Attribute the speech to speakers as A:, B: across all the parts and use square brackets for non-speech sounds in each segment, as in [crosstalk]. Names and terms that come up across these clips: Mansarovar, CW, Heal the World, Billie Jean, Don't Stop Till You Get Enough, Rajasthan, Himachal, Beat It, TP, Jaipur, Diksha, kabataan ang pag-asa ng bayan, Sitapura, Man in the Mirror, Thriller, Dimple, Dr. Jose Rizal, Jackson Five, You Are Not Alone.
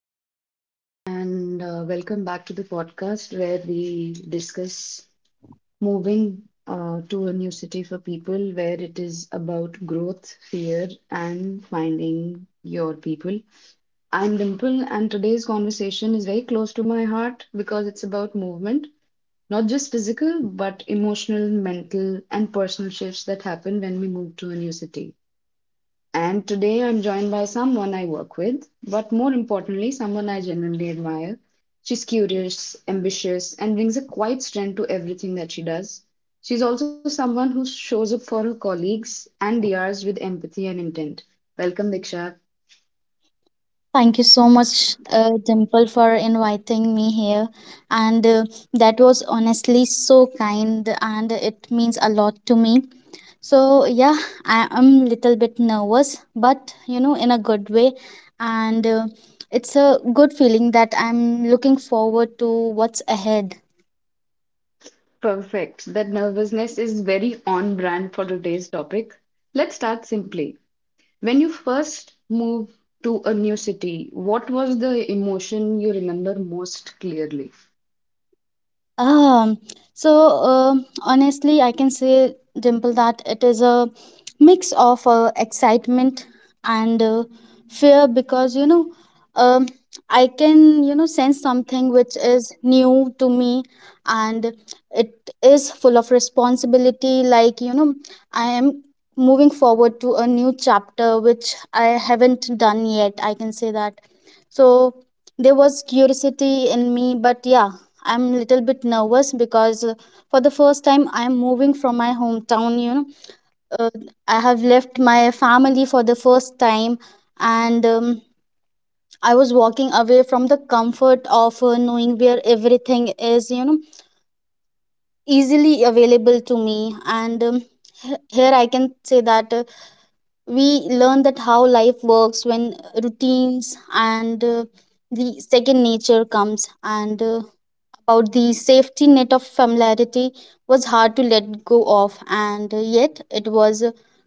A: Hello, everyone, and welcome back to the podcast where we discuss moving to a new city for people, where it is about growth, fear, and finding your people. I'm Dimple, and today's conversation is very close to my heart because it's about movement, not just physical, but emotional, mental, and personal shifts that happen when we move to a new city. And today I'm joined by someone I work with, but more importantly, someone I genuinely admire. She's curious, ambitious, and brings a quiet strength to everything that she does. She's also someone who shows up for her colleagues and DRs with empathy and intent. Welcome, Diksha.
B: Thank you so much, Dimple, for inviting me here. And That was honestly so kind, and it means a lot to me. So yeah, I am little bit nervous, but you know, in a good way. And It's a good feeling that I'm looking forward to what's ahead.
A: Perfect. That nervousness is very on brand for today's topic. Let's start simply. When you first moved to a new city, what was the emotion you remember most clearly?
B: Um, so Honestly, I can say, Dimple, that it is a mix of excitement and fear because you know, um, I can you know sense something which is new to me, and it is full of responsibility. Like you know, I am moving forward to a new chapter which I haven't done yet. I can say that. So there was curiosity in me, but yeah I'm little bit nervous because for the first time I'm moving from my hometown. You know, uh, I have left my family for the first time, and I was walking away from the comfort of knowing where everything is. You know, easily available to me, and here I can say that we learn that how life works when routines and the second nature comes and. About the safety net of familiarity was hard to let go of, and yet it was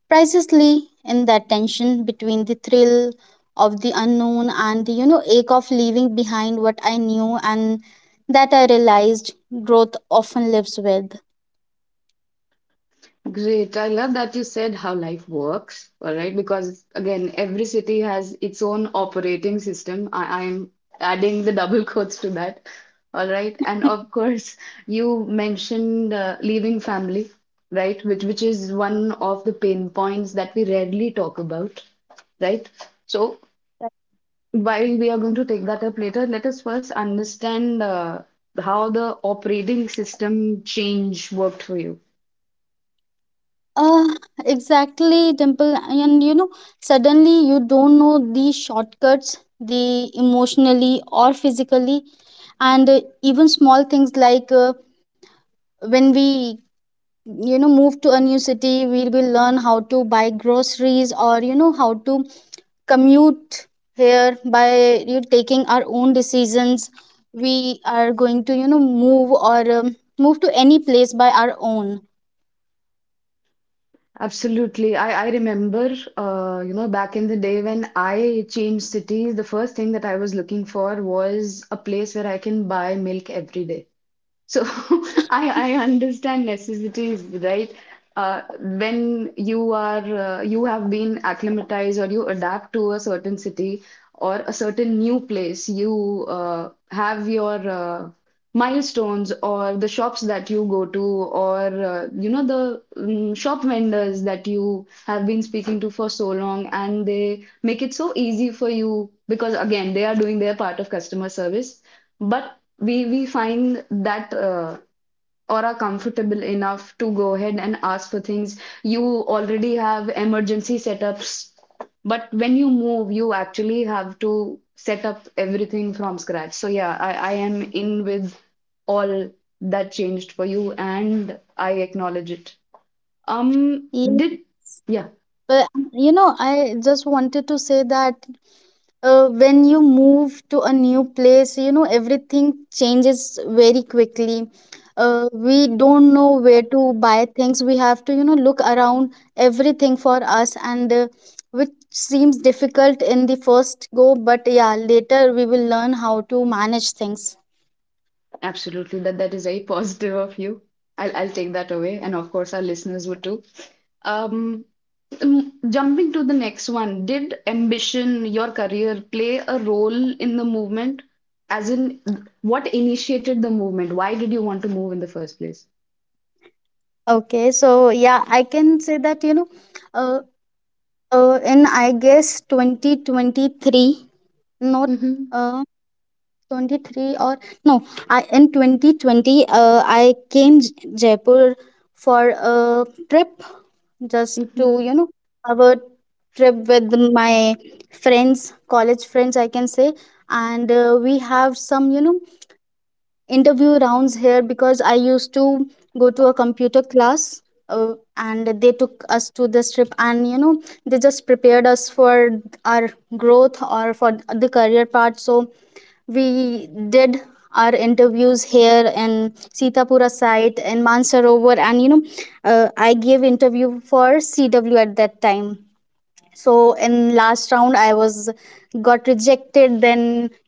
B: pricelessly in that tension between the thrill of the unknown and the you know ache of leaving behind what I knew and that I realized growth often lives with.
A: Great. I love that you said how life works, all right? Because again, every city has its own operating system. I'm adding the double quotes to that, all right? And of course, you mentioned leaving family, right? Which is one of the pain points that we rarely talk about, right? So while we are going to take that up later, let us first understand how the operating system change worked for you.
B: Uh, exactly, Dimple. And you know, suddenly you don't know the shortcuts, the emotionally or physically, and even small things like when we you know move to a new city we will learn how to buy groceries or you know how to commute here by you know, taking our own decisions we are going to you know move or move to any place by our own.
A: Absolutely. I remember, back in the day when I changed cities, the first thing that I was looking for was a place where I can buy milk every day. So [laughs] I understand necessities, right? When you are you have been acclimatized or you adapt to a certain city or a certain new place, you have your milestones or the shops that you go to or you know the shop vendors that you have been speaking to for so long, and they make it so easy for you because again they are doing their part of customer service, but we find that or are comfortable enough to go ahead and ask for things. You already have emergency setups, but when you move, you actually have to set up everything from scratch. So yeah, I am in with all that changed for you, and I acknowledge it. Um, did yeah.
B: But you know, I just wanted to say that when you move to a new place, you know, everything changes very quickly. We don't know where to buy things. We have to, you know, look around everything for us, and which seems difficult in the first go, but yeah, later we will learn how to manage things.
A: Absolutely, that is very positive of you. I'll take that away, and of course our listeners would too. Um, Jumping to the next one, did ambition, your career, play a role in the movement? As in, what initiated the movement? Why did you want to move in the first place?
B: Okay, so yeah, I can say that, you know, uh, in I guess 2023, not.
A: Mm-hmm.
B: Uh, 23 or no I in 2020 I came J- jaipur for a trip just
A: Mm-hmm.
B: to you know our trip with my friends college friends I can say and we have some you know interview rounds here because I used to go to a computer class and they took us to this trip and you know they just prepared us for our growth or for the career part so we did our interviews here in Sitapura site in Mansarovar and you know I gave interview for CW at that time so in last round I was got rejected then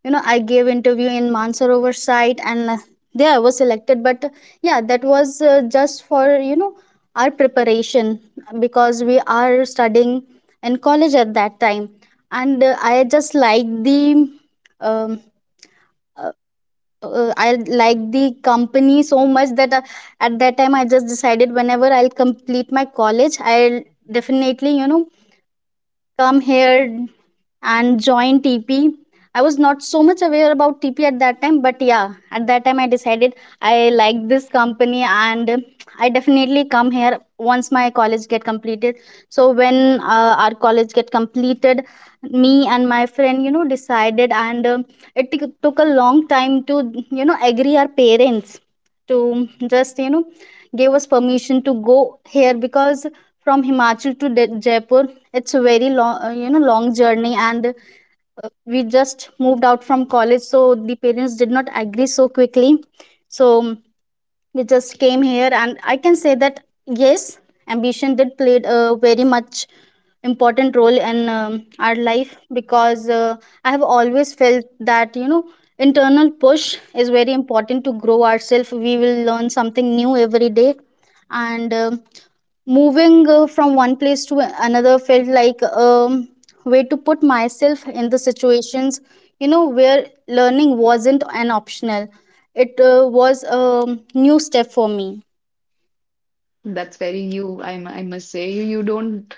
B: you know I gave interview in mansarovar site and there I was selected but yeah that was just for you know our preparation because we are studying in college at that time and I just like the um, uh, I like the company so much that at that time I just decided whenever I'll complete my college I'll definitely you know come here and join TP. I was not so much aware about TP at that time, but yeah, at that time I decided I like this company and I definitely come here once my college get completed. So when our college get completed, me and my friend, you know, decided and took a long time to, you know, agree our parents to just, you know, give us permission to go here because from Himachal to De- Jaipur. It's a very long, you know, long journey, and we just moved out from college, so the parents did not agree so quickly. So we just came here and I can say that yes ambition did played a very much important role in our life because I have always felt that you know internal push is very important to grow ourselves we will learn something new every day and moving from one place to another felt like way to put myself in the situations you know where learning wasn't an optional it was a new step for me.
A: That's very you, I must say. You don't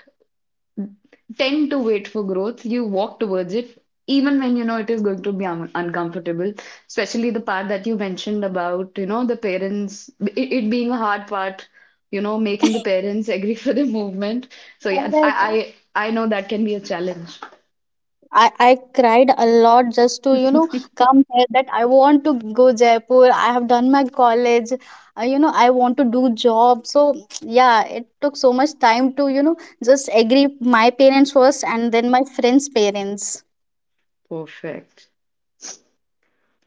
A: tend to wait for growth. You walk towards it, even when you know it is going to be uncomfortable. Especially the part that you mentioned about, you know, the parents, it being a hard part, you know, making the parents [laughs] agree for the movement. So yeah, I know that can be a challenge.
B: I cried a lot just to you know come here that I want to go Jaipur. I have done my college, you know I want to do job. So [tsk] yeah, it took so much time to you know just agree my parents first and then my friends' parents.
A: Perfect.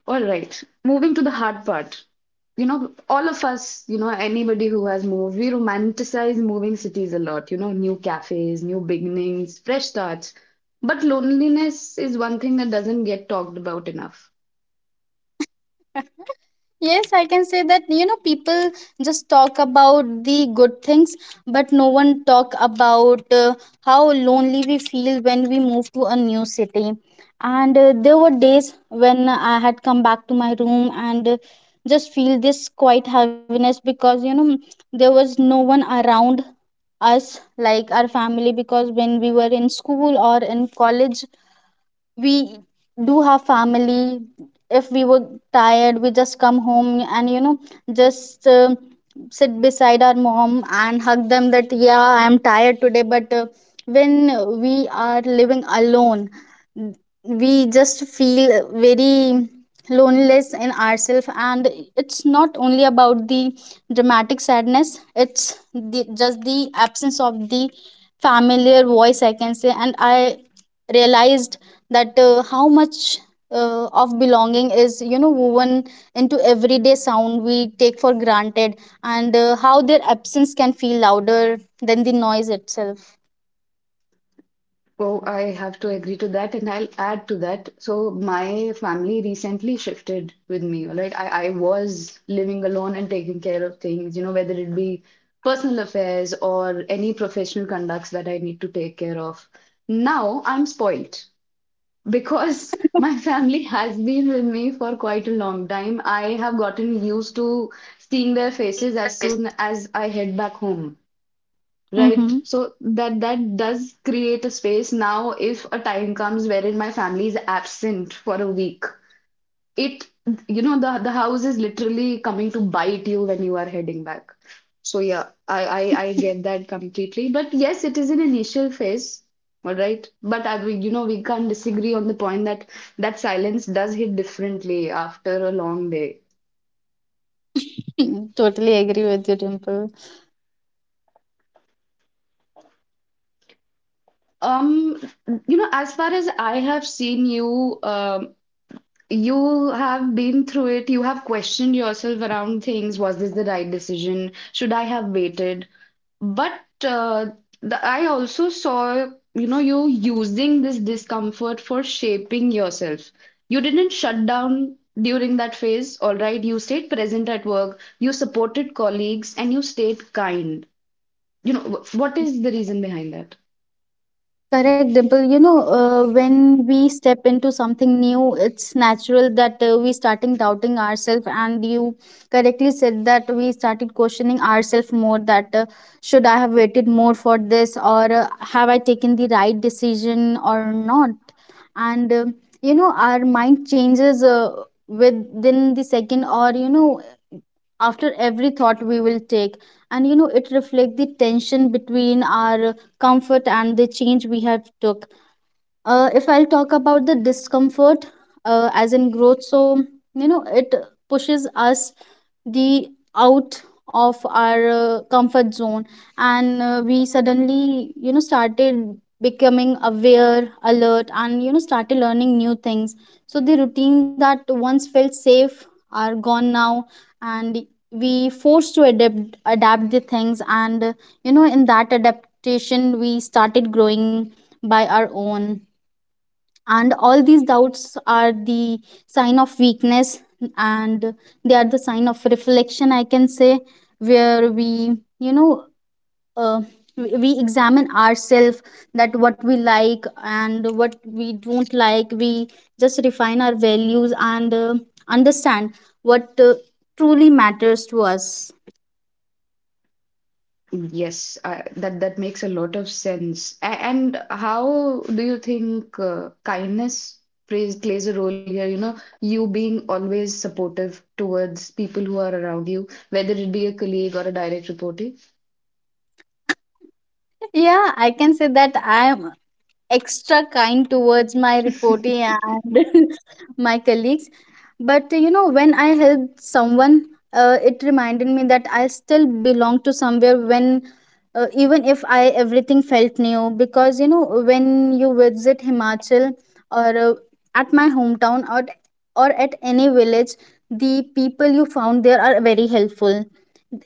A: All right. Moving to the hard part. You know, all of us, you know, anybody who has moved, we romanticize moving cities a lot, you know, new cafes, new beginnings, fresh starts. But loneliness is one thing that doesn't get talked about enough.
B: Yes, I can say that you know people just talk about the good things, but no one talk about how lonely we feel when we move to a new city. And there were days when I had come back to my room and just feel this quiet heaviness because you know there was no one around us like our family because when we were in school or in college we do have family if we were tired we just come home and you know just sit beside our mom and hug them that yeah I am tired today but when we are living alone we just feel very loneliness in ourselves and it's not only about the dramatic sadness it's the, just the absence of the familiar voice I can say and I realized that how much of belonging is you know woven into everyday sound we take for granted and how their absence can feel louder than the noise itself.
A: Oh, I have to agree to that, and I'll add to that. So my family recently shifted with me. Like I was living alone and taking care of things, you know, whether it be personal affairs or any professional conducts that I need to take care of. Now I'm spoilt because [laughs] my family has been with me for quite a long time. I have gotten used to seeing their faces as soon as I head back home.
B: Mm-hmm.
A: Right. So that does create a space. Now, if a time comes wherein my family is absent for a week, it, you know, the house is literally coming to bite you when you are heading back. So yeah, I get that completely. But yes, it is an initial phase. All right. But I, we, you know, we can't disagree on the point that that silence does hit differently after a long day.
B: [laughs] Totally agree with you dimple.
A: Um, you know, as far as I have seen you, you have been through it. You have questioned yourself around things. Was this the right decision? Should I have waited? But I also saw, you know, you using this discomfort for shaping yourself. You didn't shut down during that phase, all right? You stayed present at work, you supported colleagues, and you stayed kind. You know, what is the reason behind that?
B: Correct, Dimple. You know, when we step into something new, it's natural that we starting doubting ourselves. And you correctly said that we started questioning ourselves more. That should I have waited more for this, or have I taken the right decision or not? And you know, our mind changes within the second, or you know, after every thought we will take and you know it reflects the tension between our comfort and the change we have took. If I'll talk about the discomfort as in growth so you know it pushes us the out of our comfort zone and we suddenly you know started becoming aware alert and you know started learning new things so the routine that once felt safe are gone now and we forced to adapt the things and you know in that adaptation we started growing by our own and all these doubts are the sign of weakness and they are the sign of reflection I can say where we you know uh, we examine ourselves that what we like and what we don't like we just refine our values and understand what truly matters to us.
A: Yes, that that makes a lot of sense. And how do you think kindness plays a role here? You know, you being always supportive towards people who are around you, whether it be a colleague or a direct report.
B: Yeah I can say that I am extra kind towards my reporting and [laughs] my colleagues. But you know, when I helped someone, it reminded me that I still belong to somewhere when. Even if I everything felt new, because you know when you visit Himachal or at my hometown or at any village, the people you found there are very helpful.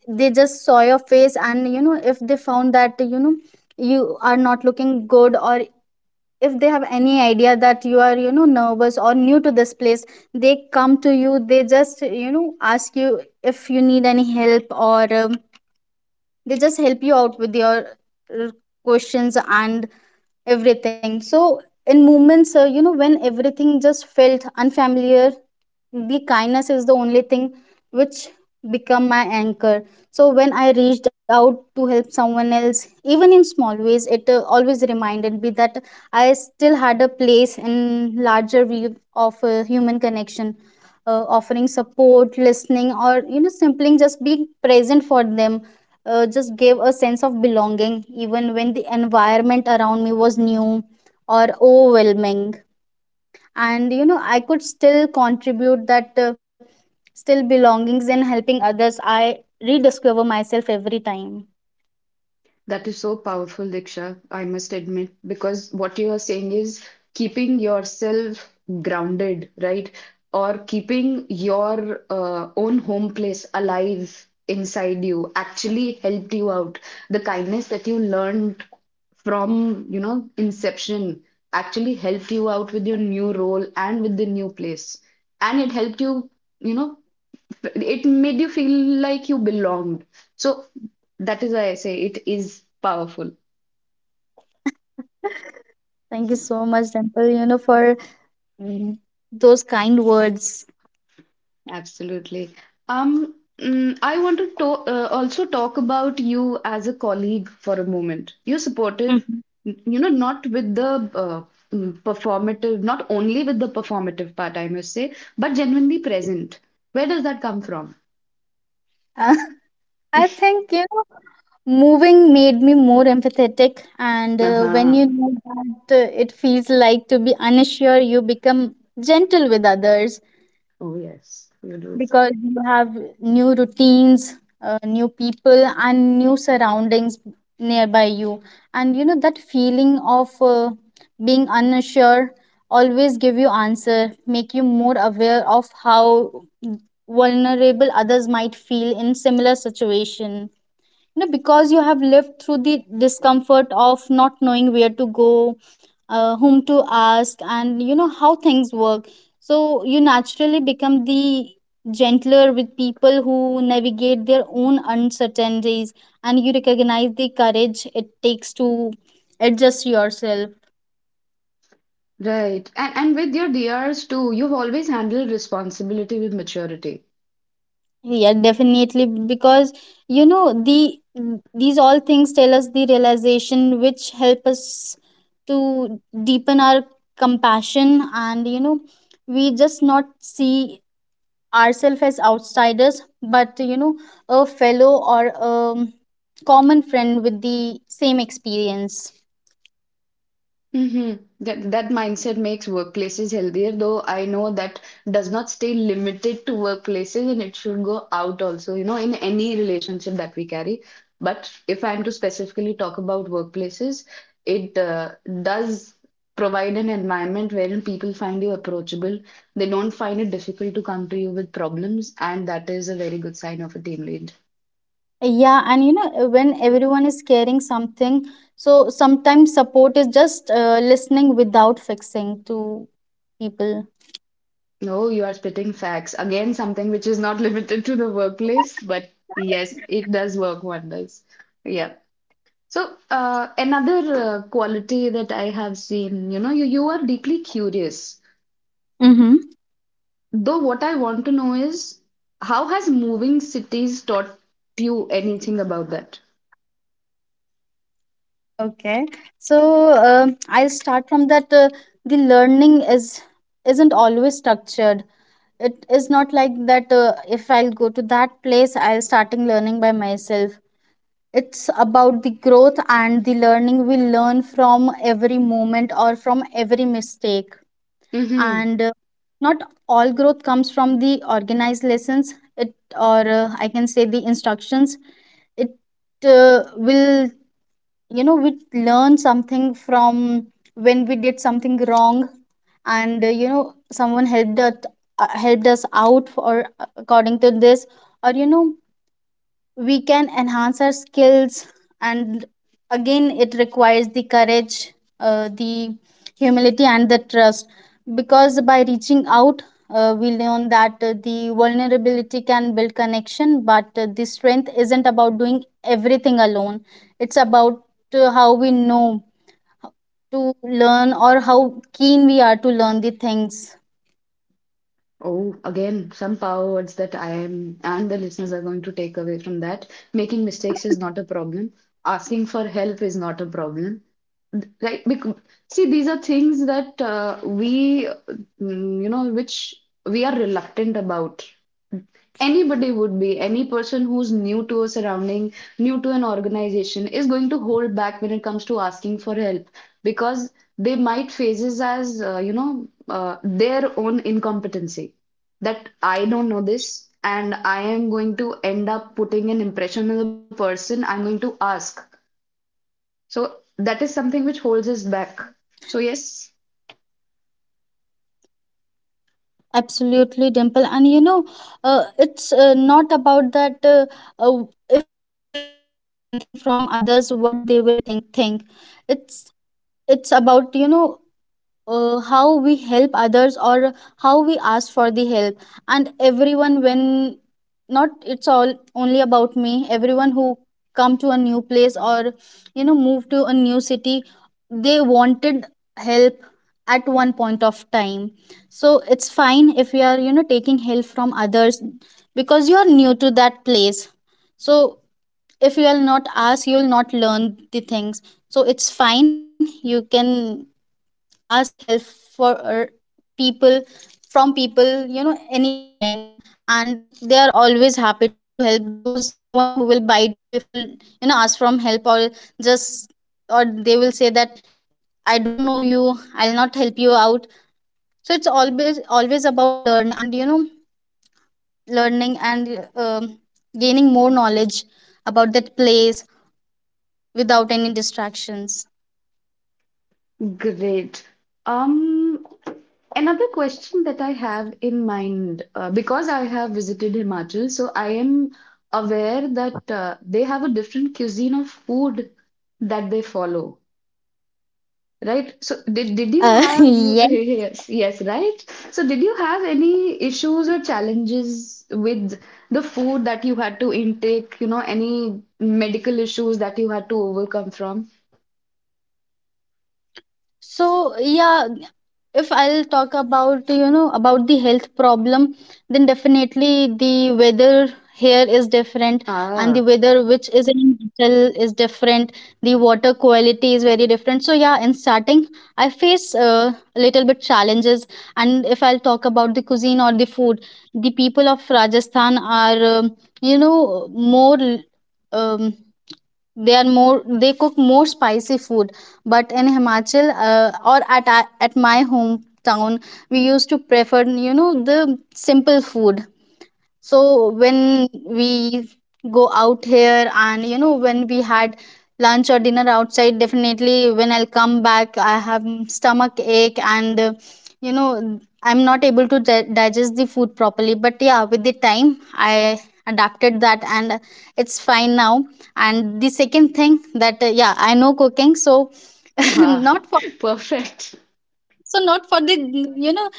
B: They just saw your face, and you know if they found that you know you are not looking good or if they have any idea that you are you know nervous or new to this place they come to you they just you know ask you if you need any help or they just help you out with your uh, questions and everything so in moments you know when everything just felt unfamiliar the kindness is the only thing which become my anchor so when I reached out to help someone else even in small ways it always reminded me that I still had a place in larger view of human connection. Offering support listening or you know simply just being present for them just gave a sense of belonging even when the environment around me was new or overwhelming and you know I could still contribute that still belongings and helping others I rediscover myself every time.
A: That is so powerful, Diksha, I must admit, because what you are saying is keeping yourself grounded, right? Or keeping your own home place alive inside you actually helped you out. The kindness that you learned from, you know, inception actually helped you out with your new role and with the new place. And it helped you, you know, it made you feel like you belonged. So that is why I say it is powerful.
B: Thank you so much temple you know for mm, those kind words.
A: Absolutely. I want to, also talk about you as a colleague for a moment. You're supportive,
B: Mhm.
A: you know, not with the performative, not only with the performative part, I must say, but genuinely present. Where does that come from?
B: [laughs] I think, you know, moving made me more empathetic. And when
A: Uh-huh.
B: you know that it feels like to be unsure, you become gentle with others
A: Oh, yes, you do.
B: because you have new routines, new people, and new surroundings nearby you. That feeling of being unsure always give you answer make you more aware of how vulnerable others might feel in similar situation because you have lived through the discomfort of not knowing where to go, whom to ask, and how things work. So you naturally become the gentler with people who navigate their own uncertainties, and you recognize the courage it takes to adjust yourself.
A: Right. And with your DRs too, you've always handled responsibility with maturity.
B: Yeah, definitely, because you know the these all things tell us the realization which help us to deepen our compassion. And we just not see ourselves as outsiders but, a fellow or a common friend with the same experience.
A: Hmm. That that mindset makes workplaces healthier, though I know that does not stay limited to workplaces and it should go out also, you know, in any relationship that we carry. But if I'm to specifically talk about workplaces, it does provide an environment wherein people find you approachable. They don't find it difficult to come to you with problems, and that is a very good sign of a team lead.
B: Yeah, and when everyone is carrying something, so sometimes support is just listening without fixing to people.
A: No, you are spitting facts. Again, something which is not [laughs] limited to the workplace, but yes, it does work wonders. Yeah. So, another quality that I have seen, you know, you are deeply curious.
B: Mhm.
A: Though, what I want to know is how has moving cities taught you anything about that?
B: Okay, so I'll start from that. The learning is isn't always structured. It is not like that. If I'll go to that place, I'll starting learning by myself. It's about the growth and the learning we learn from every moment or from every mistake.
A: Mm-hmm.
B: And not all growth comes from the organized lessons. It or I can say the instructions. It will you know we learn something from when we did something wrong, and someone helped us, out for according to this, or we can enhance our skills. And again it requires the courage, the humility and the trust, because by reaching out, we learn that the vulnerability can build connection, but the strength isn't about doing everything alone. It's about, how we know to learn, or how keen we are to learn the things.
A: Oh, again, some power words that I am and the listeners are going to take away from that. Making mistakes is not a problem. Asking for help is not a problem. Right? Because, see, these are things that you know, which we are reluctant about. Anybody would be, any person who's new to a surrounding, new to an organization, is going to hold back when it comes to asking for help because they might faces as, their own incompetency. That I don't know this and I am going to end up putting an impression on the person I'm going to ask. So that is something which holds us
B: Mhm.
A: back. So yes,
B: Absolutely, Dimple, and it's, not about that, if we will ask something from others what they will think. It's it's about, how we help others or how we ask for the help. And everyone when, not it's all only about me, everyone who come to a new place or, move to a new city, they wanted help at one point of time. So it's fine if you are, taking help from others, because you are new to that place. So if you will not ask, you will not learn the things. So it's fine, you can ask help for people from people, anytime. And they are always happy to help. There was no one who will bite you if you'll, ask from help, or just, or they will say that I don't know you, I'll not help you out. So it's always always about learning, and learning and gaining more knowledge about that place without any distractions.
A: great. Um, Another question that I have in mind, because I have visited Himachal, so I am aware that they have a different cuisine of food that they follow, right? So did you have, [laughs]
B: [laughs] Yeah.
A: yes, yes, right? So did you have any issues or challenges with the food that you had to intake, you know, any medical issues that you had to overcome from?
B: So yeah, if I'll talk about you know about the health problem, then definitely the weather here is different, and the
A: Ah,
B: weather which is in Himachal is different. The water quality is very different, so yeah, in starting I face a little bit challenges. And if I'll talk about the cuisine or the food, the people of Rajasthan are, more, um, they cook more spicy food. But in Himachal, or at my hometown, we used to prefer, the simple food. So when we go out here, and when we had lunch or dinner outside, definitely when I'll come back I have stomach ache and, I'm not able to digest the food properly. But yeah, with the time I adapted that, and it's fine now. And the second thing, that yeah, I know cooking. So [laughs]
A: ah,
B: not for,
A: [laughs] perfect.
B: so not for the, you know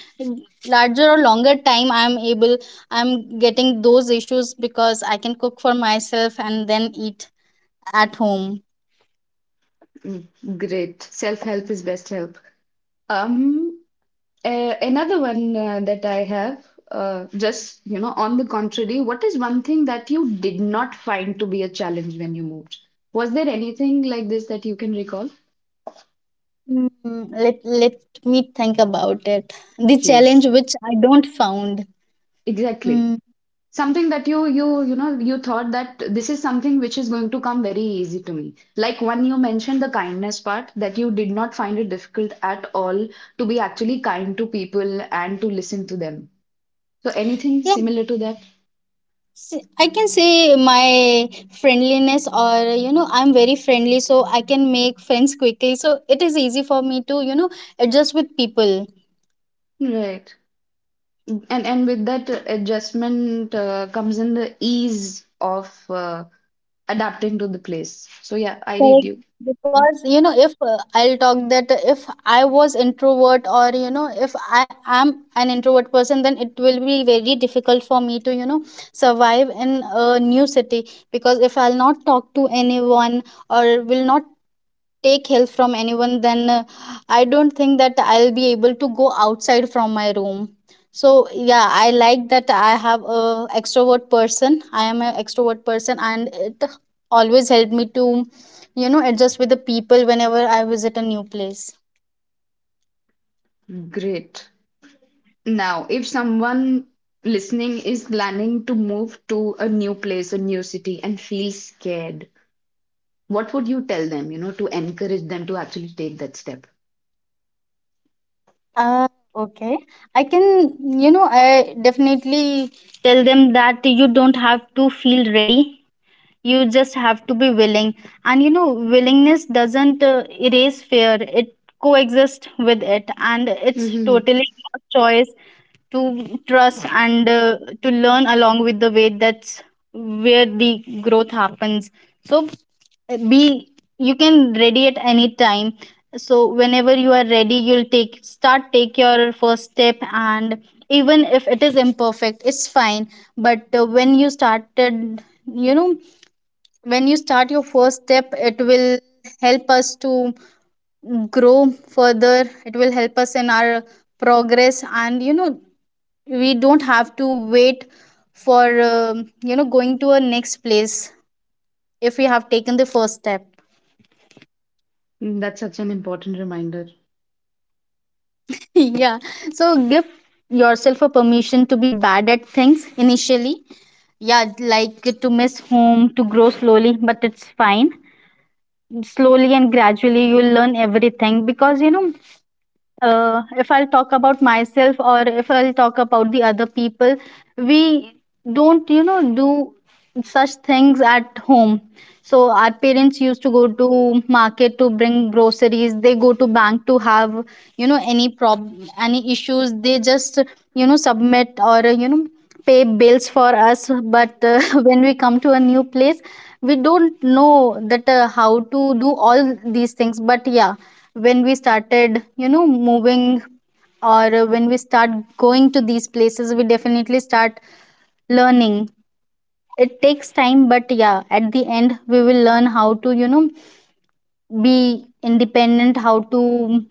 B: larger or longer time, I'm getting those issues, because I can cook for myself and then eat at home.
A: Mm, great. Self-help is best help. Um, Another one that I have, just you know, on the contrary, what is one thing that you did not find to be a challenge when you moved? Was there anything like this that you can recall?
B: Let me think about it. The challenge
A: Please.
B: which I don't found.
A: Exactly.
B: Mm,
A: Something that you know you thought that this is something which is going to come very easy to me. Like one you mentioned the kindness part that you did not find it difficult at all to be actually kind to people and to listen to them. So anything
B: yeah,
A: similar to that?
B: I can say my friendliness, or I'm very friendly, so I can make friends quickly, so it is easy for me to, adjust with people.
A: Right. And with that adjustment comes in the ease of adapting to the place. So yeah, I read
B: Correct.
A: you. Yeah.
B: Because, if I'll talk that, if I was introvert, or, if I am an introvert person, then it will be very difficult for me to, survive in a new city. Because if I'll not talk to anyone, or will not take help from anyone, then, I don't think that I'll be able to go outside from my room. So yeah, I like that I am an extrovert person, and it always helped me to, adjust with the people whenever I visit a new place.
A: Great. Now, if someone listening is planning to move to a new place, a new city, and feels scared, what would you tell them, you know, to encourage them to actually take that step?
B: uh, okay, i can I definitely tell them that you don't have to feel ready, you just have to be willing. And willingness doesn't, erase fear, it coexists with it, and it's
A: Hmm.
B: totally your choice to trust and, to learn along with the way. That's where the growth happens. So, be you can ready at any time. So whenever you are ready, you'll take your first step, and even if it is imperfect, it's fine. But, when you started, you know when you start your first step, it will help us to grow further, it will help us in our progress. And we don't have to wait for, going to a next place, if we have taken the first step.
A: That's such an important reminder.
B: [laughs] Yeah. So give yourself a permission to be bad at things initially. Yeah, like to miss home, to grow slowly, but it's fine. Slowly and gradually you'll learn everything, because if I'll talk about myself, or if I'll talk about the other people, we don't, do such things at home. So our parents used to go to market to bring groceries. They go to bank to have, you know, any prob, any issues. They just, submit, or pay bills for us. But, [laughs] when we come to a new place, we don't know that, how to do all these things. But yeah, when we started, moving, or, when we start going to these places, we definitely start learning. It takes time, but yeah, at the end we will learn how to, be independent, how to,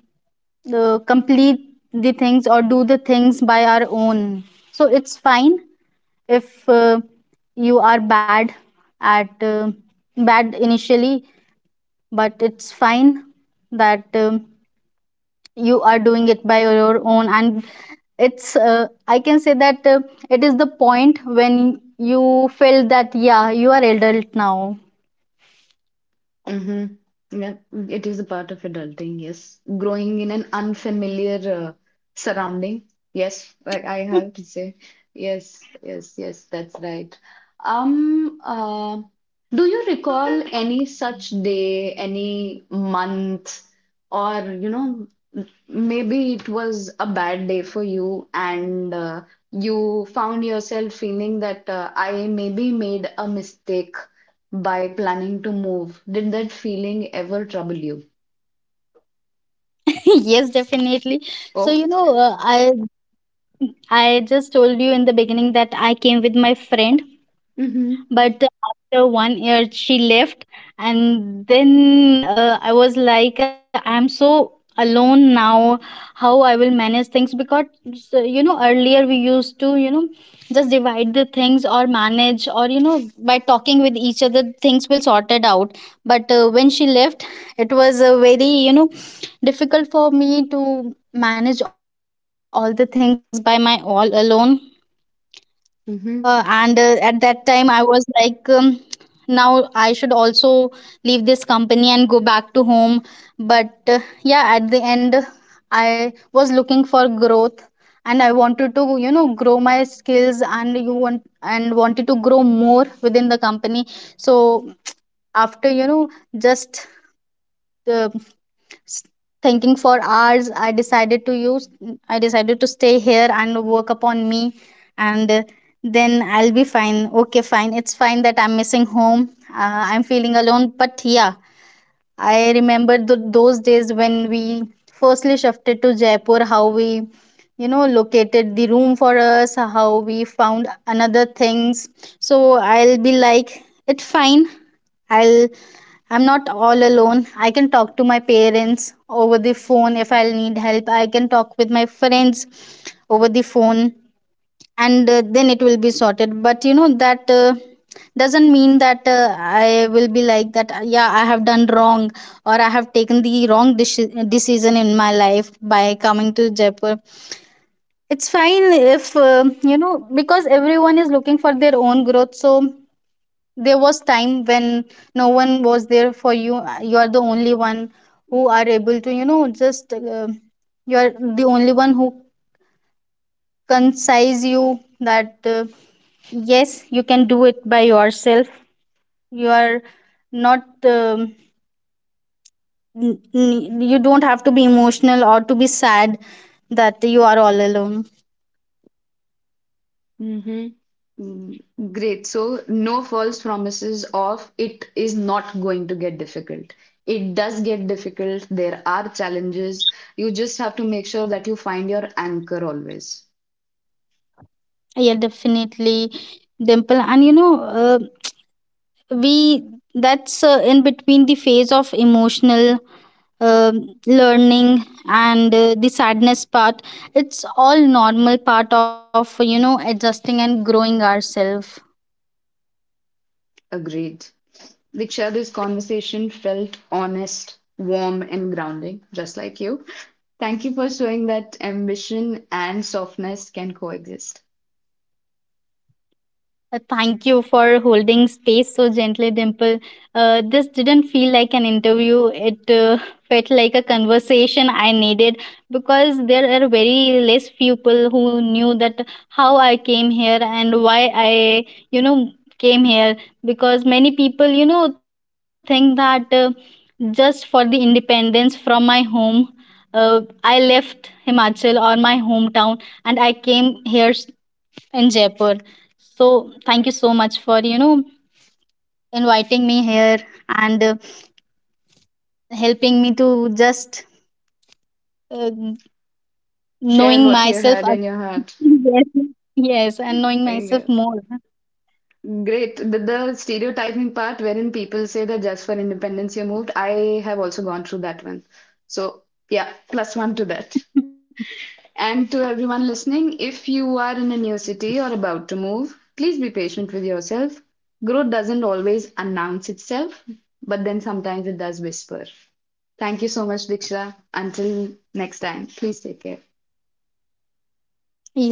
B: complete the things or do the things by our own. So it's fine if, you are bad at, bad initially, but it's fine that, you are doing it by your own. And it's, I can say that, it is the point when you feel that yeah, you are adult now.
A: Mm-hmm. Yeah, it is a part of adulting, yes. Growing in an unfamiliar surrounding. Yes, like I have to say. Yes, yes, yes, that's right. Um, uh, do you recall any such day, any month, or you know, maybe it was a bad day for you and you found yourself feeling that I maybe made a mistake by planning to move. Did that feeling ever trouble you?
B: [laughs] Yes, definitely. So
A: Oh.
B: I just told you in the beginning that I came with my friend.
A: Mm-hmm.
B: But after one year she left, and then, I was like, I'm so alone now. How I will manage things, because, earlier we used to, just divide the things, or manage, or, by talking with each other things will sorted out. But, when she left, it was, very, difficult for me to manage all the things by my all alone. And,
A: Mm-hmm.
B: at that time, I was like, now I should also leave this company and go back to home. But, yeah, at the end, I was looking for growth, and I wanted to, grow my skills, and you want and wanted to grow more within the company. So after, just, uh, S- thinking for hours, I decided to stay here and work upon me. And, then I'll be fine. Okay, fine. It's fine that I'm missing home. I'm feeling alone, but yeah, I remember those days when we firstly shifted to Jaipur, how we, located the room for us, how we found another things. So I'll be like, it's fine. I'll I'm not all alone. I can talk to my parents over the phone if I'll need help. I can talk with my friends over the phone, and, then it will be sorted. But that, doesn't mean that, I will be like that, yeah, I have done wrong, or I have taken the wrong decision in my life by coming to Jaipur. It's fine if, because everyone is looking for their own growth. So there was time when no one was there for you, you are the only one who are able to, just, you are the only one who concise you that, yes, you can do it by yourself. You are not, you don't have to be emotional or to be sad that you are all alone.
A: Mm-hmm. Mm, great. So, no false promises of it is not going to get difficult. It does get difficult. There are challenges. You just have to make sure that you find your anchor always.
B: Yeah, definitely, Dimple, and uh, we that's, in between the phase of emotional um learning, and, the sadness part, it's all normal part of, adjusting and growing ourselves.
A: Agreed. Diksha, this conversation felt honest, warm, and grounding, just like you. Thank you for showing that ambition and softness can coexist.
B: Thank you for holding space so gently, Dimple. This didn't feel like an interview. It [laughs] felt like a conversation I needed, because there are very less people who knew that how I came here, and why I, you know, came here. Because many people, think that, just for the independence from my home, I left Himachal or my hometown, and I came here in Jaipur. So thank you so much for, inviting me here, and, helping me to just, uh,
A: Share
B: knowing
A: what you
B: myself. [laughs]
A: had in your heart.
B: Yes, yes, and knowing myself
A: Yes.
B: more.
A: Great. The stereotyping part wherein people say that just for independence you moved, I have also gone through that one. So, yeah, plus one to that. And to everyone listening, if you are in a new city or about to move, please be patient with yourself. Growth doesn't always announce itself, but then sometimes it does whisper. Thank you so much, Diksha. Until next time, please take care.
B: You too. Bye bye.